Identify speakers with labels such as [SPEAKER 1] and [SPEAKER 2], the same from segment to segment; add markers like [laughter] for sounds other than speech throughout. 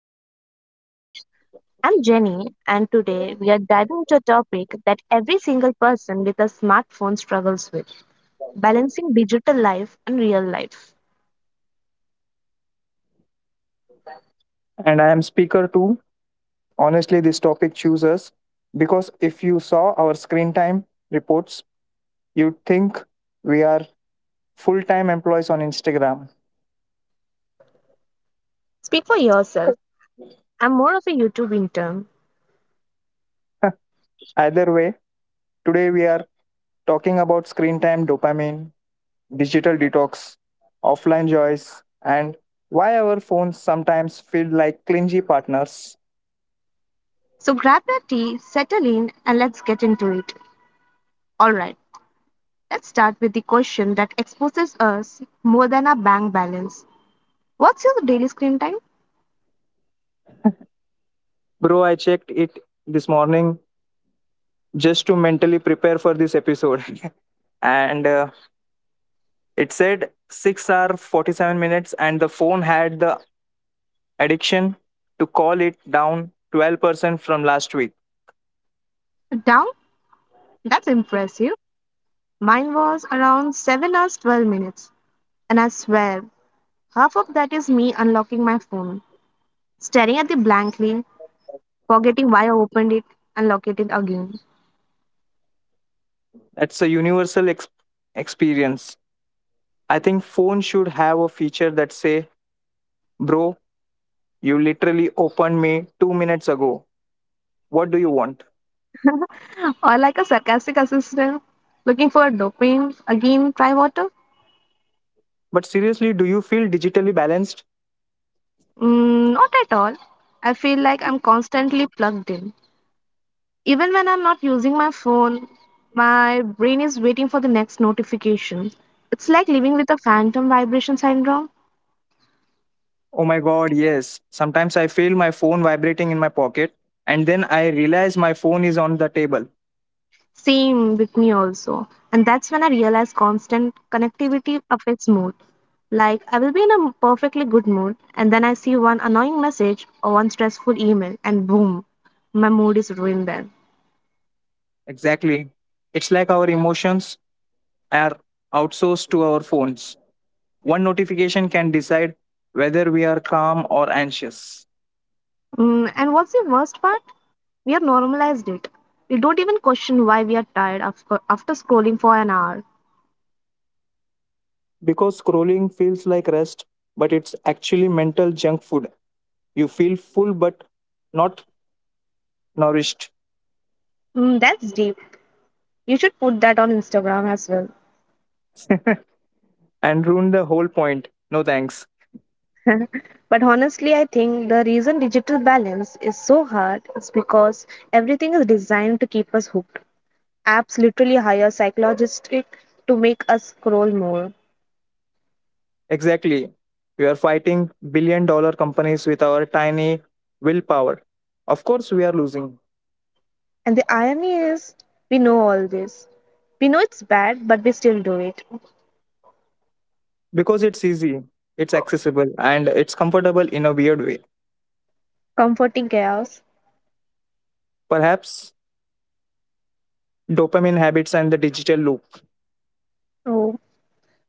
[SPEAKER 1] Trying to Be Wise. I'm Jenny, and today we are diving into a topic that every single person with a smartphone struggles with, balancing digital life and real life.
[SPEAKER 2] And I am speaker two. Honestly, this topic chooses because if you saw our screen time reports, you'd think we are full time employees on Instagram.
[SPEAKER 1] Speak for yourself, I'm more of a YouTube intern.
[SPEAKER 2] [laughs] Either way, today we are talking about screen time dopamine, digital detox, offline joys, and why our phones sometimes feel like clingy partners.
[SPEAKER 1] So grab your tea, settle in, and let's get into it. Alright, let's start with the question that exposes us more than our bank balance. What's your daily screen time?
[SPEAKER 2] Bro, I checked it this morning just to mentally prepare for this episode. [laughs] and It said 6 hour 47 minutes, and the phone had the addiction to call it down 12% from last week.
[SPEAKER 1] Down? That's impressive. Mine was around 7 hours 12 minutes, and I swear, half of that is me unlocking my phone, staring at it blankly, forgetting why I opened it, and locking it again.
[SPEAKER 2] That's a universal experience. I think phone should have a feature that say, "Bro, you literally opened me 2 minutes ago. What do you want?"
[SPEAKER 1] [laughs] Or like a sarcastic assistant looking for dopamine, again try water?
[SPEAKER 2] But seriously, do you feel digitally balanced?
[SPEAKER 1] Mm, not at all. I feel like I'm constantly plugged in. Even when I'm not using my phone, my brain is waiting for the next notification. It's like living with a phantom vibration syndrome.
[SPEAKER 2] Oh my god, yes. Sometimes I feel my phone vibrating in my pocket and then I realize my phone is on the table.
[SPEAKER 1] Same with me also. And that's when I realized constant connectivity affects mood. Like, I will be in a perfectly good mood, and then I see one annoying message or one stressful email, and boom, my mood is ruined then.
[SPEAKER 2] Exactly. It's like our emotions are outsourced to our phones. One notification can decide whether we are calm or anxious.
[SPEAKER 1] Mm, and what's the worst part? We have normalized it. We don't even question why we are tired after scrolling for an hour.
[SPEAKER 2] Because scrolling feels like rest, but it's actually mental junk food. You feel full but not nourished
[SPEAKER 1] Mm, that's deep. You should put that on Instagram as well.
[SPEAKER 2] and ruin the whole point. No thanks.
[SPEAKER 1] But honestly, I think the reason digital balance is so hard is because everything is designed to keep us hooked. Apps literally hire psychologists to make us scroll more.
[SPEAKER 2] Exactly. We are fighting billion-dollar companies with our tiny willpower. Of course, we are losing
[SPEAKER 1] And the irony is, we know all this. We know it's bad, but we still do it.
[SPEAKER 2] because it's easy, it's accessible, and it's comfortable in a weird way.
[SPEAKER 1] Comforting chaos.
[SPEAKER 2] Perhaps dopamine habits and the digital loop
[SPEAKER 1] Oh,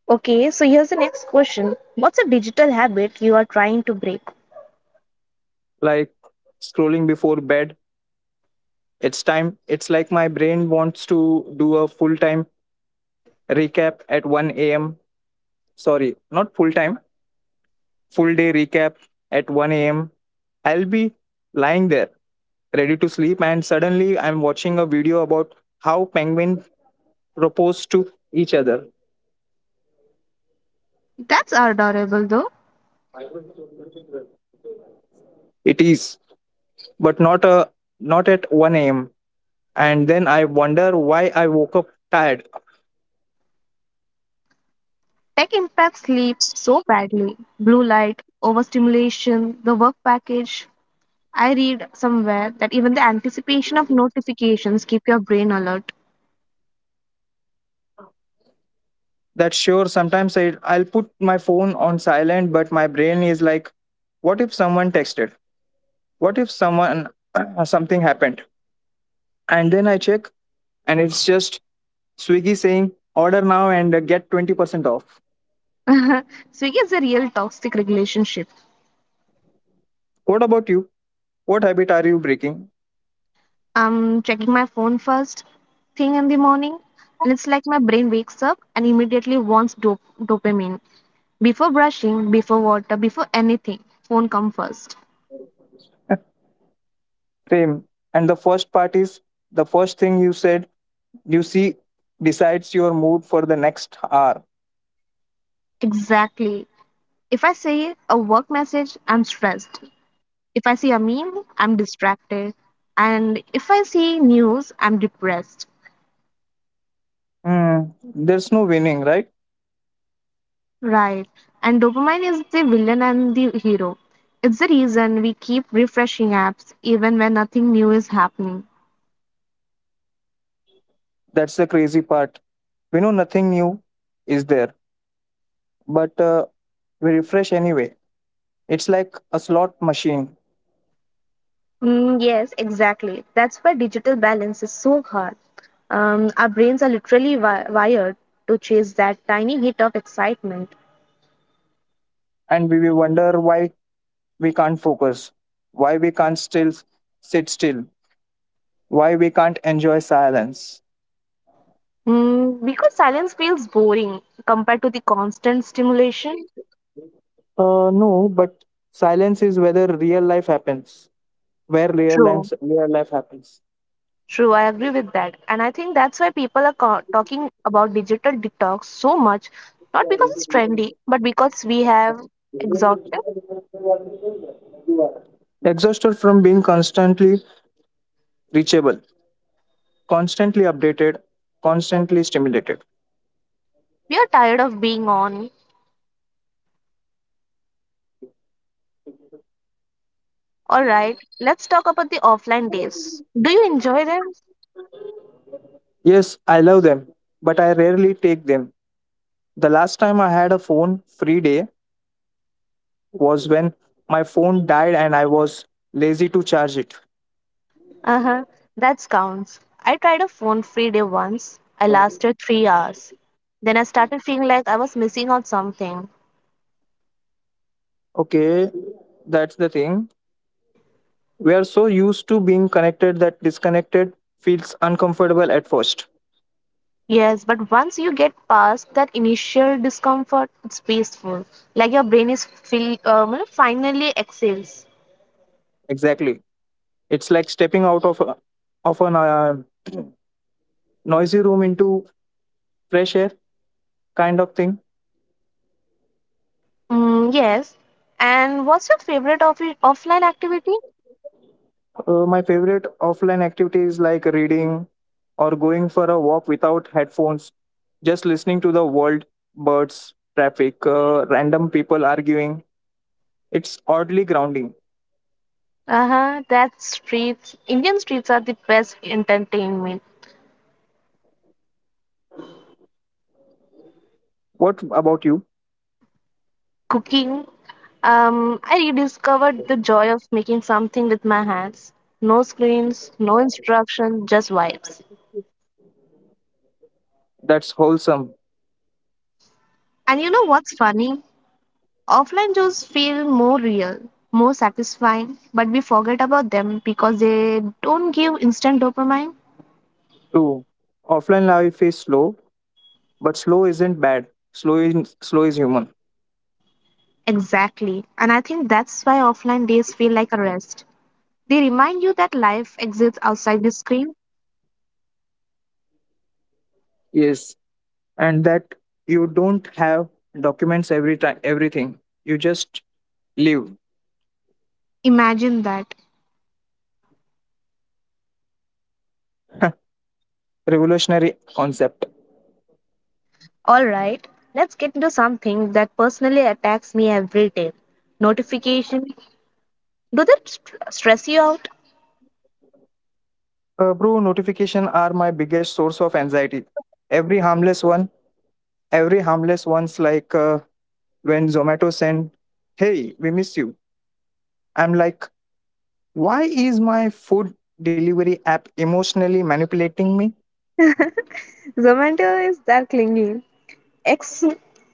[SPEAKER 1] okay. So here's the next question: what's a digital habit you are trying to break?
[SPEAKER 2] like scrolling before bed it's time it's like my brain wants to do a full time recap at 1 a.m, sorry, not full time, full day recap at 1 a.m. I'll be lying there ready to sleep and suddenly I'm watching a video about how penguin propose to each other.
[SPEAKER 1] That's adorable, though.
[SPEAKER 2] It is, but not a, not at 1 a.m. And then I wonder why I woke up tired.
[SPEAKER 1] Tech impacts sleep so badly. Blue light, overstimulation, the work package, I read somewhere that even the anticipation of notifications keep your brain alert.
[SPEAKER 2] That sure, sometimes I'll put my phone on silent but my brain is like what if someone texted, what if someone [clears throat] something happened. And then I check and it's just Swiggy saying order now and get 20% off.
[SPEAKER 1] [laughs] Swiggy is a real toxic relationship.
[SPEAKER 2] What about you, what habit are you breaking?
[SPEAKER 1] I'm checking my phone first thing in the morning, and it's like my brain wakes up and immediately wants dopamine. Before brushing, before water, before anything, phone come first.
[SPEAKER 2] Same. And the first thing you said you see decides your mood for the next hour.
[SPEAKER 1] Exactly. If I see a work message, I'm stressed. If I see a meme, I'm distracted. And if I see news, I'm depressed.
[SPEAKER 2] Hmm, there's no winning, right?
[SPEAKER 1] Right. And dopamine is the villain and the hero. It's the reason we keep refreshing apps even when nothing new is happening.
[SPEAKER 2] That's the crazy part, we know nothing new is there, but we refresh anyway. It's like a slot machine,
[SPEAKER 1] Mm, yes, exactly. That's why digital balance is so hard. Our brains are literally wired to chase that tiny hit of excitement.
[SPEAKER 2] and we will wonder why we can't focus, why we can't still sit still, why we can't enjoy silence.
[SPEAKER 1] Mm, because silence feels boring compared to the constant stimulation.
[SPEAKER 2] No, but silence is whether real life happens, where real
[SPEAKER 1] True.
[SPEAKER 2] life real life happens.
[SPEAKER 1] True, I agree with that. And I think that's why people are talking about digital detox so much, not because it's trendy, but because we have exhausted.
[SPEAKER 2] Exhausted from being constantly reachable, constantly updated, constantly stimulated.
[SPEAKER 1] We are tired of being on. All right, let's talk about the offline days. Do you enjoy them?
[SPEAKER 2] Yes, I love them, but I rarely take them. The last time I had a phone free day was when my phone died and I was lazy to charge it.
[SPEAKER 1] Uh-huh. That counts. I tried a phone-free day once. I lasted 3 hours. Then I started feeling like I was missing out something.
[SPEAKER 2] Okay, that's the thing. We are so used to being connected that disconnected feels uncomfortable at first.
[SPEAKER 1] Yes, but once you get past that initial discomfort, it's peaceful. Like your brain is feel, finally exhales.
[SPEAKER 2] Exactly. It's like stepping out of a noisy room into fresh air kind of thing.
[SPEAKER 1] Mm, yes. And what's your favorite offline activity?
[SPEAKER 2] My favorite offline activities like reading or going for a walk without headphones, just listening to the world, birds, traffic, random people arguing. It's oddly grounding.
[SPEAKER 1] Uh huh. That's streets. Indian streets are the best entertainment.
[SPEAKER 2] What about you?
[SPEAKER 1] Cooking. I rediscovered the joy of making something with my hands. No screens, no instruction, just vibes.
[SPEAKER 2] That's wholesome.
[SPEAKER 1] And you know what's funny? Offline chores feel more real, more satisfying, but we forget about them because they don't give instant dopamine.
[SPEAKER 2] True. Offline life is slow, but slow isn't bad. Slow is human.
[SPEAKER 1] Exactly. And I think that's why offline days feel like a rest. They remind you that life exists outside the screen.
[SPEAKER 2] Yes, and that you don't have documents every time everything. You just live.
[SPEAKER 1] Imagine that.
[SPEAKER 2] Revolutionary concept.
[SPEAKER 1] All right, let's get into something that personally attacks me every day. Notification. Do that stress you out?
[SPEAKER 2] Bro, notification are my biggest source of anxiety. Every harmless one, every harmless one's like when Zomato send, "Hey, we miss you." I'm like, why is my food delivery app emotionally manipulating me?
[SPEAKER 1] Zomato is that clingy ex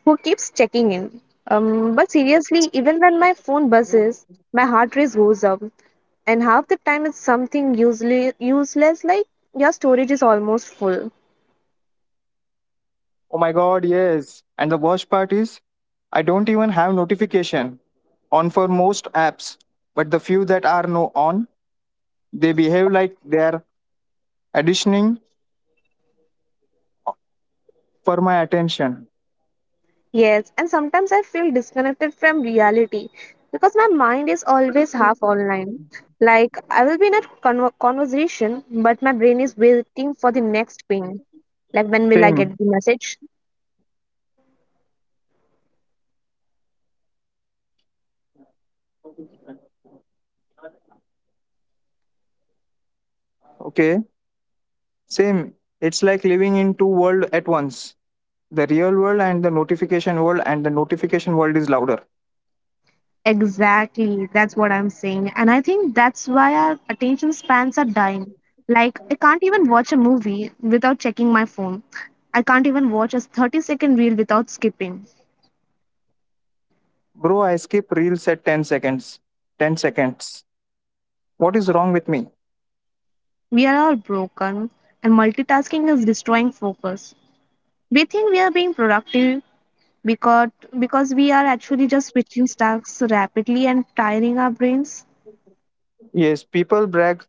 [SPEAKER 1] who keeps checking in. But seriously, even when my phone buzzes, my heart rate goes up, and half the time it's something useless like your storage is almost full.
[SPEAKER 2] Oh my god, yes. And the worst part is, I don't even have notification on for most apps, but the few that are no on, they behave like they're auditioning for my attention.
[SPEAKER 1] Yes, and sometimes I feel disconnected from reality because my mind is always half online. Like I will be in a conversation, but my brain is waiting for the next ping. Like when will I
[SPEAKER 2] Same.
[SPEAKER 1] get the message?
[SPEAKER 2] Okay. Same. It's like living in two worlds at once. The real world and the notification world, and the notification world is louder.
[SPEAKER 1] Exactly, that's what I'm saying. And I think that's why our attention spans are dying. Like, I can't even watch a movie without checking my phone. I can't even watch a 30-second reel without skipping.
[SPEAKER 2] Bro, I skip reels at 10 seconds. 10 seconds. What is wrong with me?
[SPEAKER 1] We are all broken, and multitasking is destroying focus. We think we are being productive because, because we are actually just switching tasks rapidly and tiring our brains.
[SPEAKER 2] Yes, people brag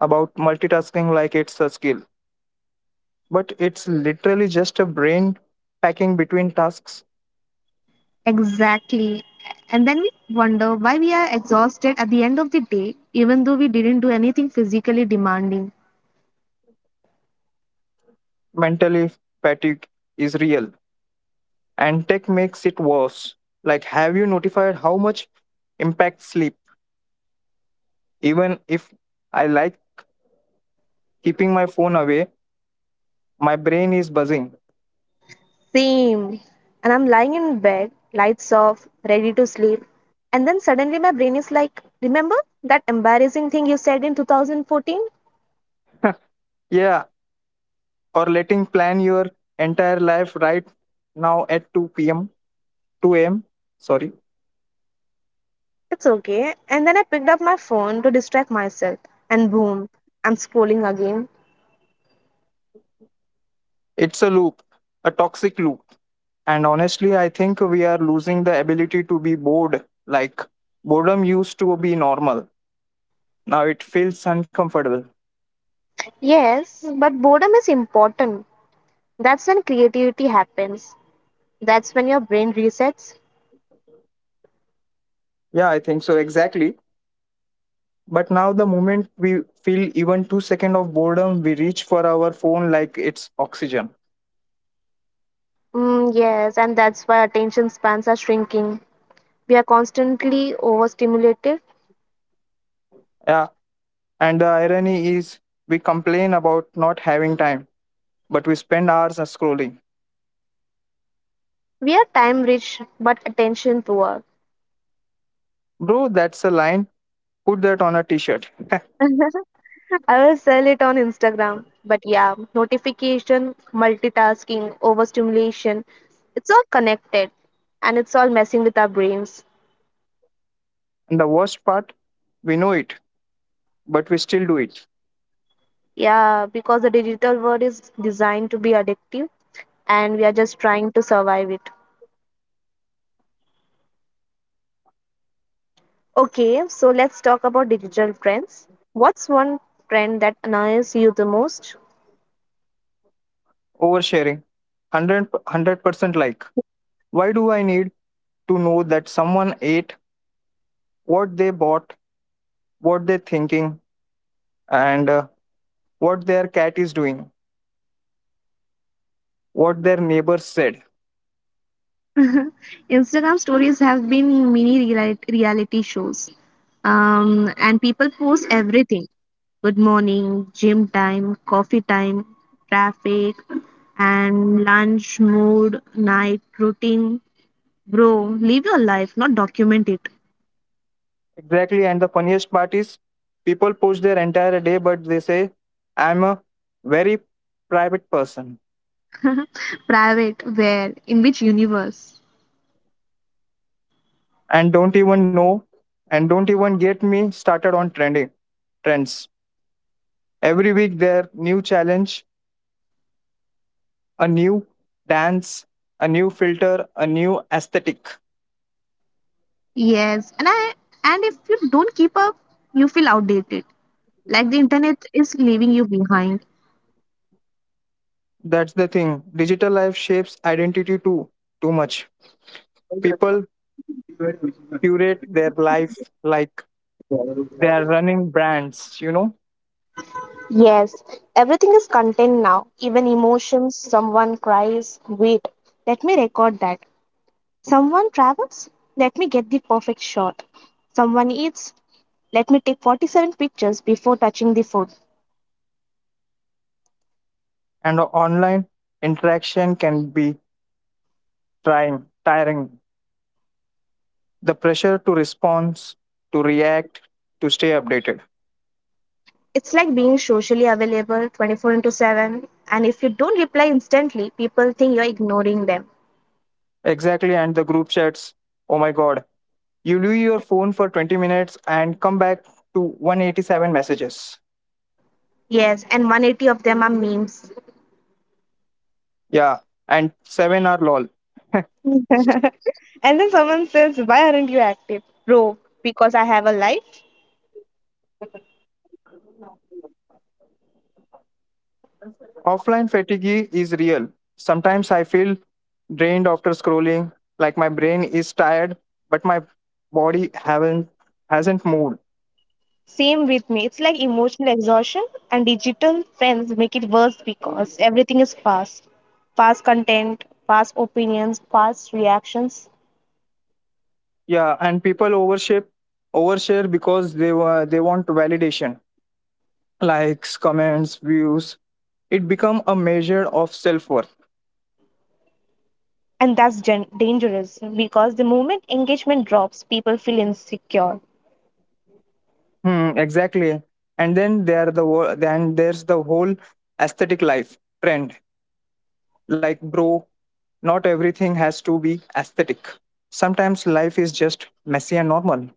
[SPEAKER 2] about multitasking like it's a skill, but it's literally just a brain packing between tasks.
[SPEAKER 1] Exactly. And then we wonder why we are exhausted at the end of the day, even though we didn't do anything physically demanding.
[SPEAKER 2] Mentally fatigue is real and tech makes it worse. Like have you notified how much impacts sleep? Even if I like keeping my phone away my brain is buzzing.
[SPEAKER 1] Same. And I'm lying in bed, lights off, ready to sleep. And then suddenly my brain is like, remember that embarrassing thing you said in 2014?
[SPEAKER 2] Yeah, or letting plan your entire life right now at 2 p.m, 2 a.m, sorry.
[SPEAKER 1] It's okay. And then I picked up my phone to distract myself. And boom, I'm scrolling again.
[SPEAKER 2] It's a loop, a toxic loop. And honestly I think we are losing the ability to be bored. Like boredom used to be normal, now it feels uncomfortable.
[SPEAKER 1] Yes, but boredom is important. That's when creativity happens. That's when your brain resets.
[SPEAKER 2] Yeah, I think so, exactly. But now the moment we feel even 2 seconds of boredom we reach for our phone like it's oxygen.
[SPEAKER 1] Mm, yes, and that's why attention spans are shrinking. We are constantly overstimulated.
[SPEAKER 2] Yeah, and the irony is we complain about not having time but we spend hours on scrolling.
[SPEAKER 1] We are time rich but attention poor.
[SPEAKER 2] Bro, that's a line. Put that on a t shirt. [laughs]
[SPEAKER 1] [laughs] I will sell it on Instagram. But yeah, notification, multitasking, overstimulation, it's all connected and it's all messing with our brains.
[SPEAKER 2] And the worst part, we know it, but we still do it.
[SPEAKER 1] Yeah, because the digital world is designed to be addictive and we are just trying to survive it. Okay, so let's talk about digital trends. What's one trend that annoys you the most?
[SPEAKER 2] Oversharing. 100% like. Why do I need to know that someone ate, what they bought, what they're thinking, and what their cat is doing, what their neighbors said?
[SPEAKER 1] Instagram stories have been mini reality shows, and people post everything: good morning, gym time, coffee time, traffic, and lunch, mood, night, routine. Bro, live your life, not document it.
[SPEAKER 2] Exactly. And the funniest part is, people post their entire day, but they say, I'm a very private person
[SPEAKER 1] Private, where, in which universe?
[SPEAKER 2] and don't even know. And don't even get me started on trending trends, every week there new challenge, a new dance, a new filter, a new aesthetic.
[SPEAKER 1] Yes, and if you don't keep up, you feel outdated. Like the internet is leaving you behind.
[SPEAKER 2] That's the thing, digital life shapes identity too much. People curate their life like they are running brands, you know.
[SPEAKER 1] Yes, everything is content now, even emotions. Someone cries, wait, let me record that. Someone travels, let me get the perfect shot. Someone eats, let me take 47 pictures before touching the food.
[SPEAKER 2] And online interaction can be trying tiring, the pressure to respond, to react, to stay updated.
[SPEAKER 1] It's like being socially available 24 into 7, and if you don't reply instantly, people think you're ignoring them.
[SPEAKER 2] Exactly, and the group chats, oh my god, you leave your phone for 20 minutes and come back to 187 messages.
[SPEAKER 1] Yes, and 180 of them are memes.
[SPEAKER 2] Yeah, and 7 are lol.
[SPEAKER 1] [laughs] And then someone says, why aren't you active? Bro, because I have a life.
[SPEAKER 2] Offline fatigue is real, sometimes I feel drained after scrolling, like my brain is tired but my body haven't hasn't moved.
[SPEAKER 1] Same with me. It's like emotional exhaustion, and digital friends make it worse because everything is fast: fast content, fast opinions, fast reactions.
[SPEAKER 2] Yeah, and people overship overshare because they want validation, likes, comments, views. It become a measure of self worth.
[SPEAKER 1] And that's dangerous because the moment engagement drops, people feel insecure.
[SPEAKER 2] Hmm, exactly. And then there's the whole aesthetic life trend. Like, bro, not everything has to be aesthetic. Sometimes life is just messy and normal,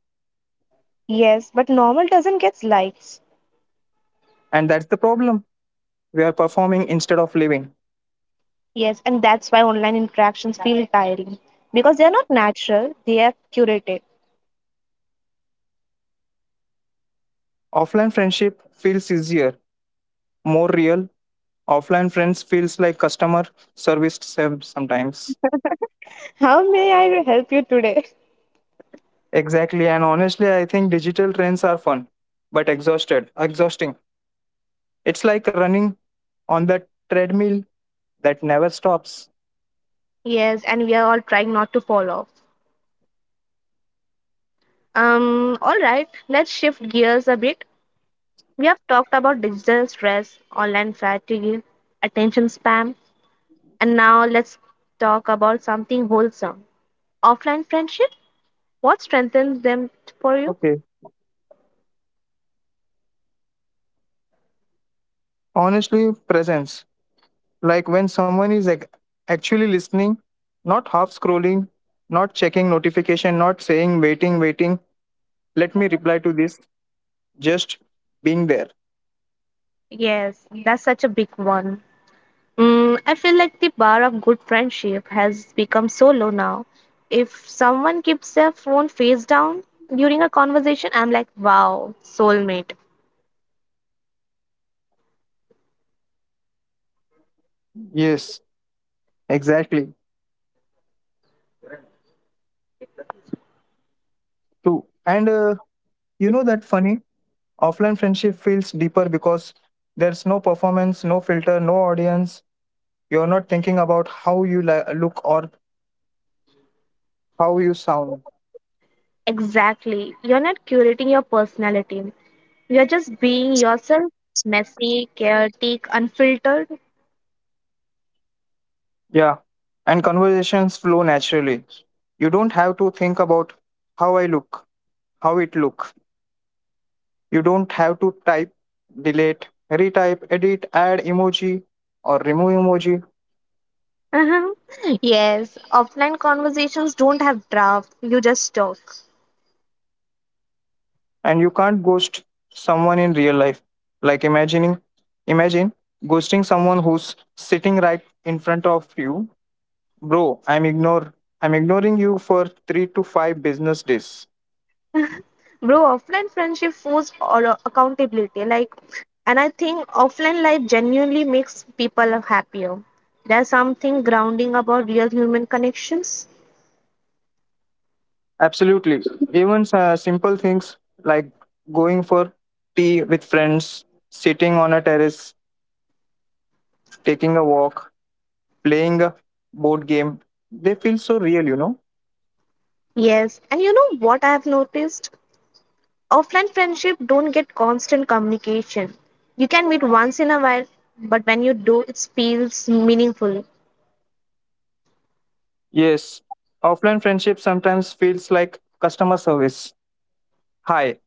[SPEAKER 1] Yes, but normal doesn't get likes.
[SPEAKER 2] and that's the problem. We are performing instead of living.
[SPEAKER 1] Yes, and that's why online interactions feel tiring because they are not natural, they are curated.
[SPEAKER 2] Offline friendship feels easier, more real. Offline friends feels like customer service sometimes.
[SPEAKER 1] How may I help you today?
[SPEAKER 2] Exactly, and honestly, I think digital trends are fun, but exhausting. It's like running on the treadmill that never stops.
[SPEAKER 1] Yes, and we are all trying not to fall off. All right, let's shift gears a bit. We have talked about digital stress, online fatigue, attention spam, and now let's talk about something wholesome. Offline friendship? What strengthens them for you?
[SPEAKER 2] Okay. Honestly, presence. Like when someone is actually listening, not half scrolling, not checking notification, not saying waiting. Let me reply to this. Just being there.
[SPEAKER 1] Yes, that's such a big one. Mm, I feel like the bar of good friendship has become so low now. If someone keeps their phone face down during a conversation, I'm like, wow, soulmate.
[SPEAKER 2] Yes, exactly. True. And you know that funny Offline friendship feels deeper because there's no performance, no filter, no audience. You're not thinking about how you look or how you sound.
[SPEAKER 1] Exactly. You're not curating your personality. You're just being yourself, messy, chaotic, unfiltered.
[SPEAKER 2] Yeah. And conversations flow naturally. You don't have to think about how I look, how it look. You don't have to type, delete, retype, edit, add emoji or remove emoji.
[SPEAKER 1] Uh-huh. [laughs] Yes, offline conversations don't have draft. You just talk.
[SPEAKER 2] And you can't ghost someone in real life. Like imagine ghosting someone who's sitting right in front of you. Bro, I'm ignoring you for 3 to 5 business days.
[SPEAKER 1] Bro, offline friendship force or accountability. Like, and I think offline life genuinely makes people happier. There's something grounding about real human connections.
[SPEAKER 2] Absolutely. Even simple things like going for tea with friends, sitting on a terrace, taking a walk, playing a board game, they feel so real, you know.
[SPEAKER 1] Yes, and you know what I have noticed? Offline friendship don't get constant communication. You can meet once in a while, but when you do, it feels meaningful.
[SPEAKER 2] Yes. Offline friendship sometimes feels like customer service. Hi,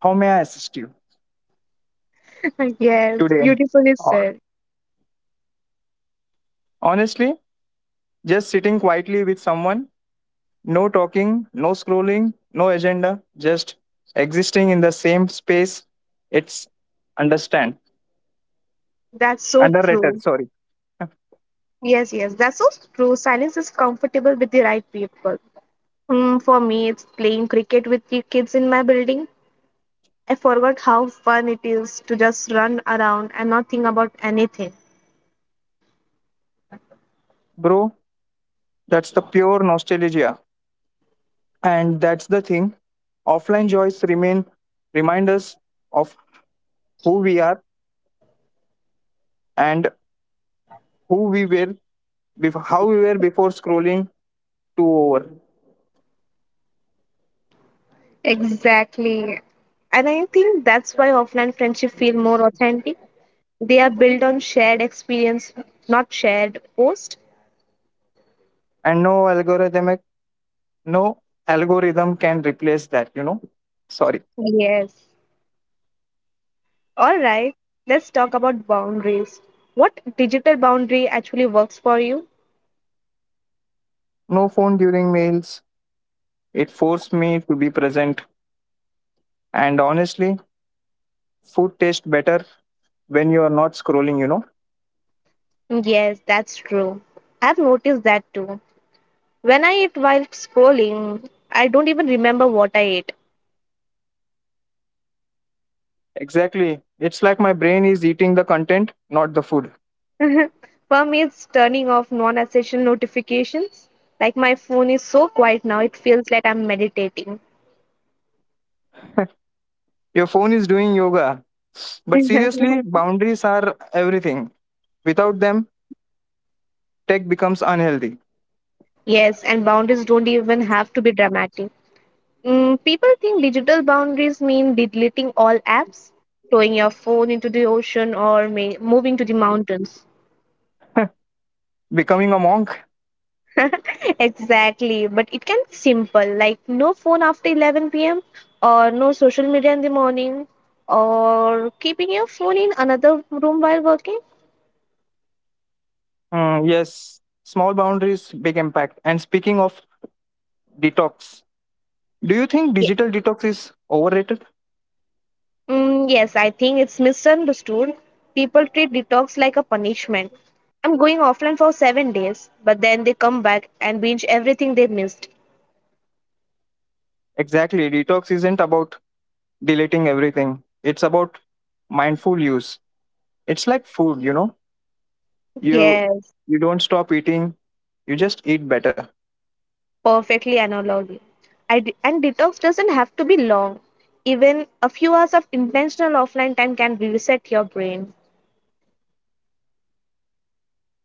[SPEAKER 2] how may I assist you
[SPEAKER 1] [laughs] Yes,
[SPEAKER 2] today?
[SPEAKER 1] beautifully
[SPEAKER 2] Or
[SPEAKER 1] said.
[SPEAKER 2] honestly, just sitting quietly with someone, no talking, no scrolling, no agenda, just existing in the same space. It's understand.
[SPEAKER 1] That's so
[SPEAKER 2] Underrated,
[SPEAKER 1] true.
[SPEAKER 2] sorry. [laughs]
[SPEAKER 1] Yes, yes, that's so true. Silence is comfortable with the right people. Mm, for me, it's playing cricket with the kids in my building. I forgot how fun it is to just run around and not think about anything.
[SPEAKER 2] Bro, that's the pure nostalgia. And that's the thing. Offline joys remain remind us of who we are and who we were before scrolling to over.
[SPEAKER 1] Exactly. And I think that's why offline friendship feel more authentic. They are built on shared experience, not shared post.
[SPEAKER 2] And no algorithm can replace that, you know. Sorry.
[SPEAKER 1] Yes. All right, let's talk about boundaries. What digital boundary actually works for you?
[SPEAKER 2] No phone during meals. It forced me to be present. And honestly, food tastes better when you are not scrolling, you know?
[SPEAKER 1] Yes, that's true. I've noticed that too. When I eat while scrolling, I don't even remember what I ate.
[SPEAKER 2] Exactly. It's like my brain is eating the content, not the food.
[SPEAKER 1] [laughs] For me, it's turning off non essential notifications. Like my phone is so quiet now, it feels like I'm meditating.
[SPEAKER 2] Your phone is doing yoga. But seriously,
[SPEAKER 1] [laughs]
[SPEAKER 2] boundaries are everything. Without them, tech becomes unhealthy.
[SPEAKER 1] Yes, and boundaries don't even have to be dramatic. Mm, people think digital boundaries mean deleting all apps, throwing your phone into the ocean, or moving to the mountains.
[SPEAKER 2] Becoming a monk?
[SPEAKER 1] [laughs] Exactly, but it can be simple like no phone after 11 p.m. or no social media in the morning or keeping your phone in another room while working.
[SPEAKER 2] Hmm, yes. Small boundaries, big impact. And speaking of detox, do you think digital
[SPEAKER 1] Ye-
[SPEAKER 2] detox is overrated?
[SPEAKER 1] mm, yes, I think it's misunderstood. People treat detox like a punishment. I'm going offline for 7 days, but then they come back and binge everything they missed.
[SPEAKER 2] Exactly. Detox isn't about deleting everything, it's about mindful use. It's like food, you know? you
[SPEAKER 1] Yes.
[SPEAKER 2] you don't stop eating, you just eat better.
[SPEAKER 1] Perfectly analog. And detox doesn't have to be long. Even a few hours of intentional offline time can reset your brain.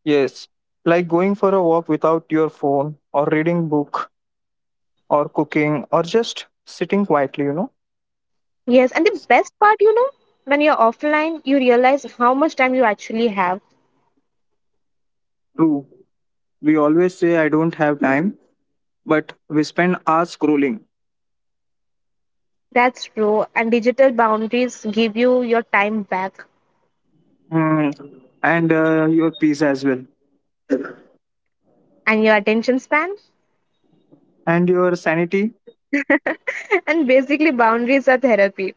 [SPEAKER 2] Yes, like going for a walk without your phone, or reading book, or cooking, or just sitting quietly, you know.
[SPEAKER 1] Yes, and the best part, when you're offline, you realize how much time you actually have.
[SPEAKER 2] True, we always say I don't have time but we spend hours scrolling.
[SPEAKER 1] That's true. And digital boundaries give you your time back
[SPEAKER 2] Hmm. And your peace as well,
[SPEAKER 1] and your attention span.
[SPEAKER 2] and your sanity.
[SPEAKER 1] [laughs] And basically, boundaries are therapy.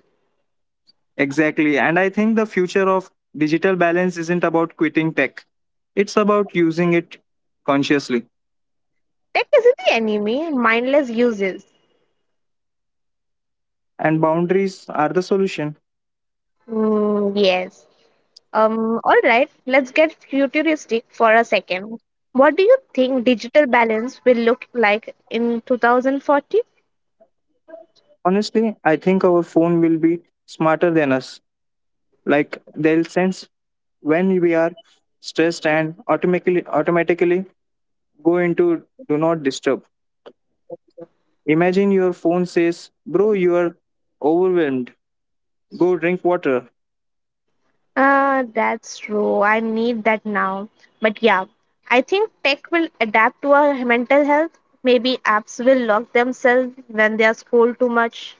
[SPEAKER 2] Exactly, and I think the future of digital balance isn't about quitting tech, it's about using it consciously.
[SPEAKER 1] Tech isn't the enemy, mindless uses.
[SPEAKER 2] And boundaries are the solution.
[SPEAKER 1] Mm, yes. All right, let's get futuristic for a second. What do you think digital balance will look like in 2040?
[SPEAKER 2] Honestly, I think our phone will be smarter than us. Like they'll sense when we are stressed and automatically go into do not disturb. Imagine your phone says, "Bro, you are overwhelmed. Go drink water."
[SPEAKER 1] That's true. I need that now. But yeah, I think tech will adapt to our mental health. Maybe apps will lock themselves when they are scrolled too much.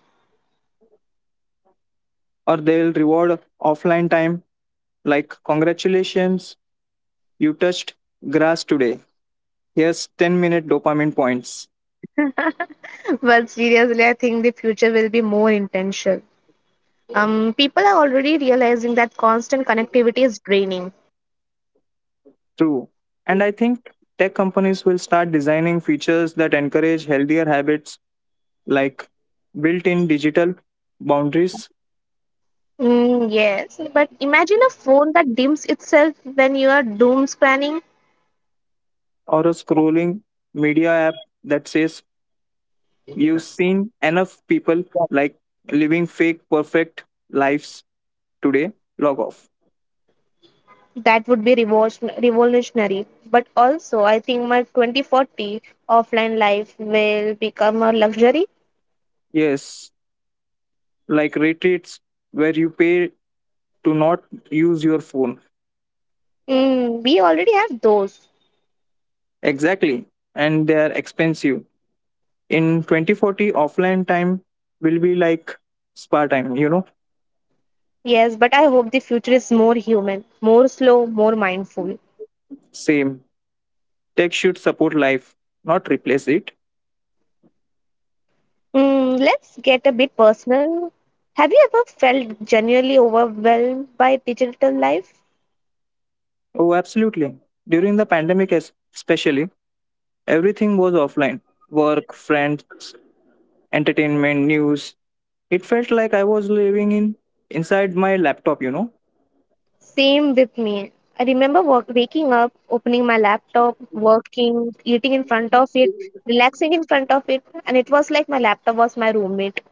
[SPEAKER 2] Or they'll reward offline time like, "Congratulations, you touched grass today. Here's 10-minute dopamine points."
[SPEAKER 1] [laughs] But seriously, I think the future will be more intentional. People are already realizing that constant connectivity is draining.
[SPEAKER 2] True. And I think tech companies will start designing features that encourage healthier habits like built in digital boundaries,
[SPEAKER 1] Mm, yes, but imagine a phone that dims itself when you are doom scanning.
[SPEAKER 2] or a scrolling media app that says you've seen enough people like living fake perfect lives today, log off.
[SPEAKER 1] That would be revolutionary. But also, I think my 2040 offline life will become a luxury.
[SPEAKER 2] Yes, like retreats where you pay to not use your phone.
[SPEAKER 1] Mm, we already have those.
[SPEAKER 2] Exactly, and they are expensive. In 2040 offline time will be like spa time, you know.
[SPEAKER 1] Yes, but I hope the future is more human, more slow, more mindful.
[SPEAKER 2] Same, tech should support life, not replace it.
[SPEAKER 1] Mm, let's get a bit personal. Have you ever felt genuinely overwhelmed by digital life?
[SPEAKER 2] Oh, absolutely. During the pandemic, especially, everything was offline, work, friends, entertainment, news. It felt like I was living in inside my laptop, you know,
[SPEAKER 1] Same with me. I remember work, waking up, opening my laptop, working, eating in front of it, relaxing in front of it, and it was like my laptop was my roommate.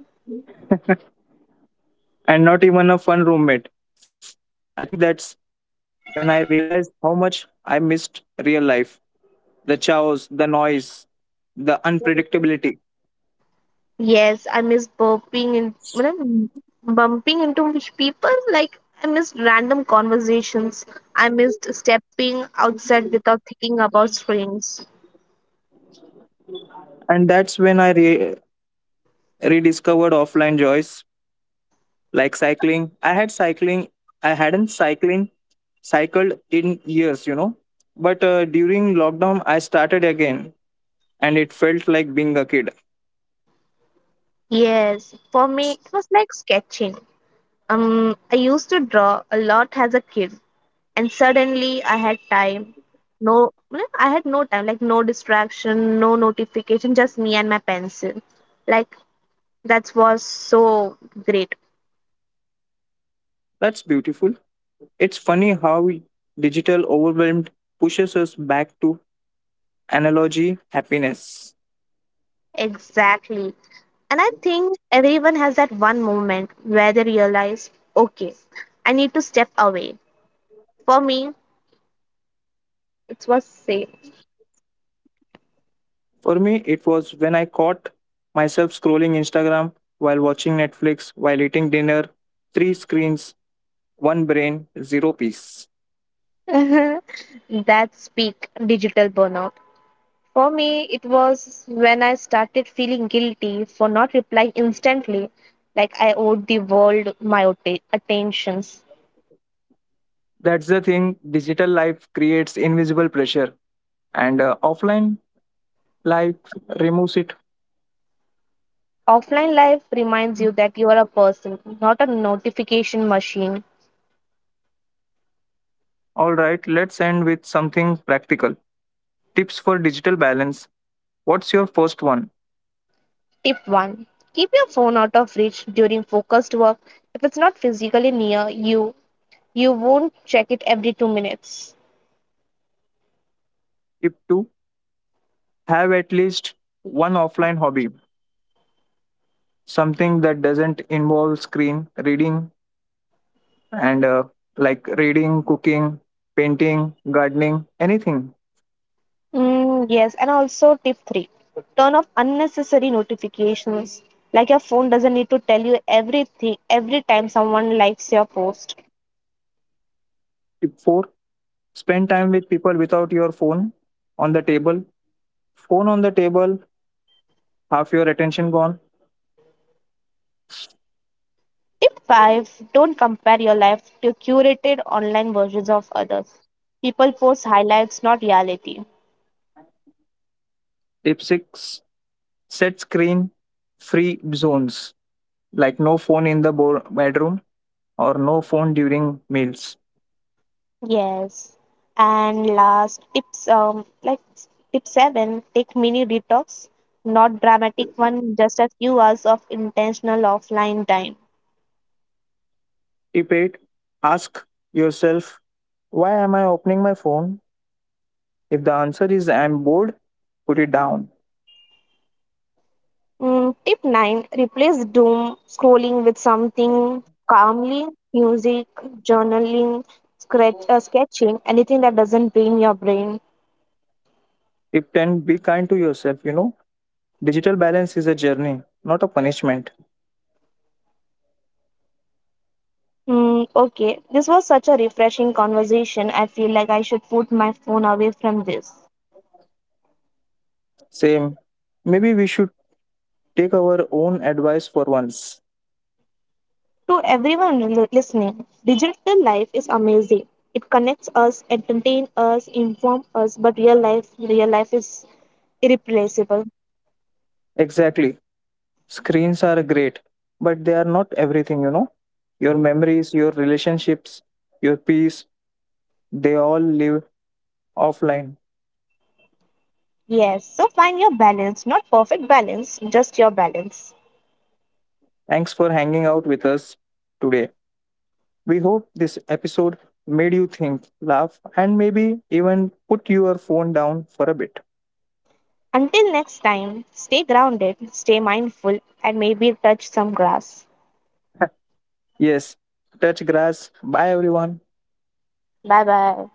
[SPEAKER 2] and not even a fun roommate. I think that's when I realized how much I missed real life, the chaos, the noise, the unpredictability.
[SPEAKER 1] Yes, I miss burping and bumping into which people. Like I missed random conversations. I missed stepping outside without thinking about strings.
[SPEAKER 2] And that's when I rediscovered offline joys like cycling. I had cycling, I hadn't cycling cycled in years, you know. But during lockdown, I started again and it felt like being a kid.
[SPEAKER 1] Yes, for me it was like sketching. I used to draw a lot as a kid. And suddenly I had time. no no, I had no time, like no distraction, no notification, just me and my pencil. like that was so great.
[SPEAKER 2] That's beautiful. It's funny how digital overwhelmed pushes us back to analogy happiness.
[SPEAKER 1] Exactly, and I think everyone has that one moment where they realize, okay, I need to step away. For me, it was same.
[SPEAKER 2] For me, it was when I caught myself scrolling Instagram while watching Netflix, while eating dinner, three screens, one brain, zero peace.
[SPEAKER 1] [laughs] That's peak digital burnout. For me, it was when I started feeling guilty for not replying instantly, like I owed the world my attentions.
[SPEAKER 2] That's the thing, digital life creates invisible pressure, and offline life removes it.
[SPEAKER 1] Offline life reminds you that you are a person, not a notification machine.
[SPEAKER 2] All right, let's end with something practical. Tips for digital balance. What's your first one?
[SPEAKER 1] Tip 1. Keep your phone out of reach during focused work. If it's not physically near you, you won't check it every 2 minutes.
[SPEAKER 2] Tip 2, have at least one offline hobby, something that doesn't involve screen, reading, and like reading, cooking, painting, gardening, anything.
[SPEAKER 1] Mm, yes, and also tip 3, turn off unnecessary notifications. Like your phone doesn't need to tell you everything every time someone likes your post.
[SPEAKER 2] Tip 4, spend time with people without your phone on the table. Phone on the table, half your attention gone.
[SPEAKER 1] tip 5, don't compare your life to curated online versions of others. People post highlights, not reality.
[SPEAKER 2] Tip 6, set screen free zones, like no phone in the bedroom or no phone during meals.
[SPEAKER 1] Yes. And last tips, tip 7, take mini detox, not dramatic one, just a few hours of intentional offline time.
[SPEAKER 2] Tip 8, ask yourself, why am I opening my phone? If the answer is I'm bored, put it down.
[SPEAKER 1] Mm, tip 9. Replace doom scrolling with something calmly: music, journaling, sketching, anything that doesn't drain your brain.
[SPEAKER 2] Tip 10, be kind to yourself. You know, digital balance is a journey, not a punishment.
[SPEAKER 1] Mm, okay, this was such a refreshing conversation. I feel like I should put my phone away from this.
[SPEAKER 2] Same. Maybe we should take our own advice for once.
[SPEAKER 1] To everyone listening, digital life is amazing. It connects us, entertains us, informs us, but real life is irreplaceable.
[SPEAKER 2] Exactly. Screens are great, but they are not everything, you know. Your memories, your relationships, your peace, they all live offline.
[SPEAKER 1] Yes, so find your balance, not perfect balance, just your balance.
[SPEAKER 2] Thanks for hanging out with us today. We hope this episode made you think, laugh, and maybe even put your phone down for a bit.
[SPEAKER 1] Until next time, stay grounded, stay mindful, and maybe touch some grass.
[SPEAKER 2] [laughs] yes, touch grass. Bye, everyone.
[SPEAKER 1] Bye bye.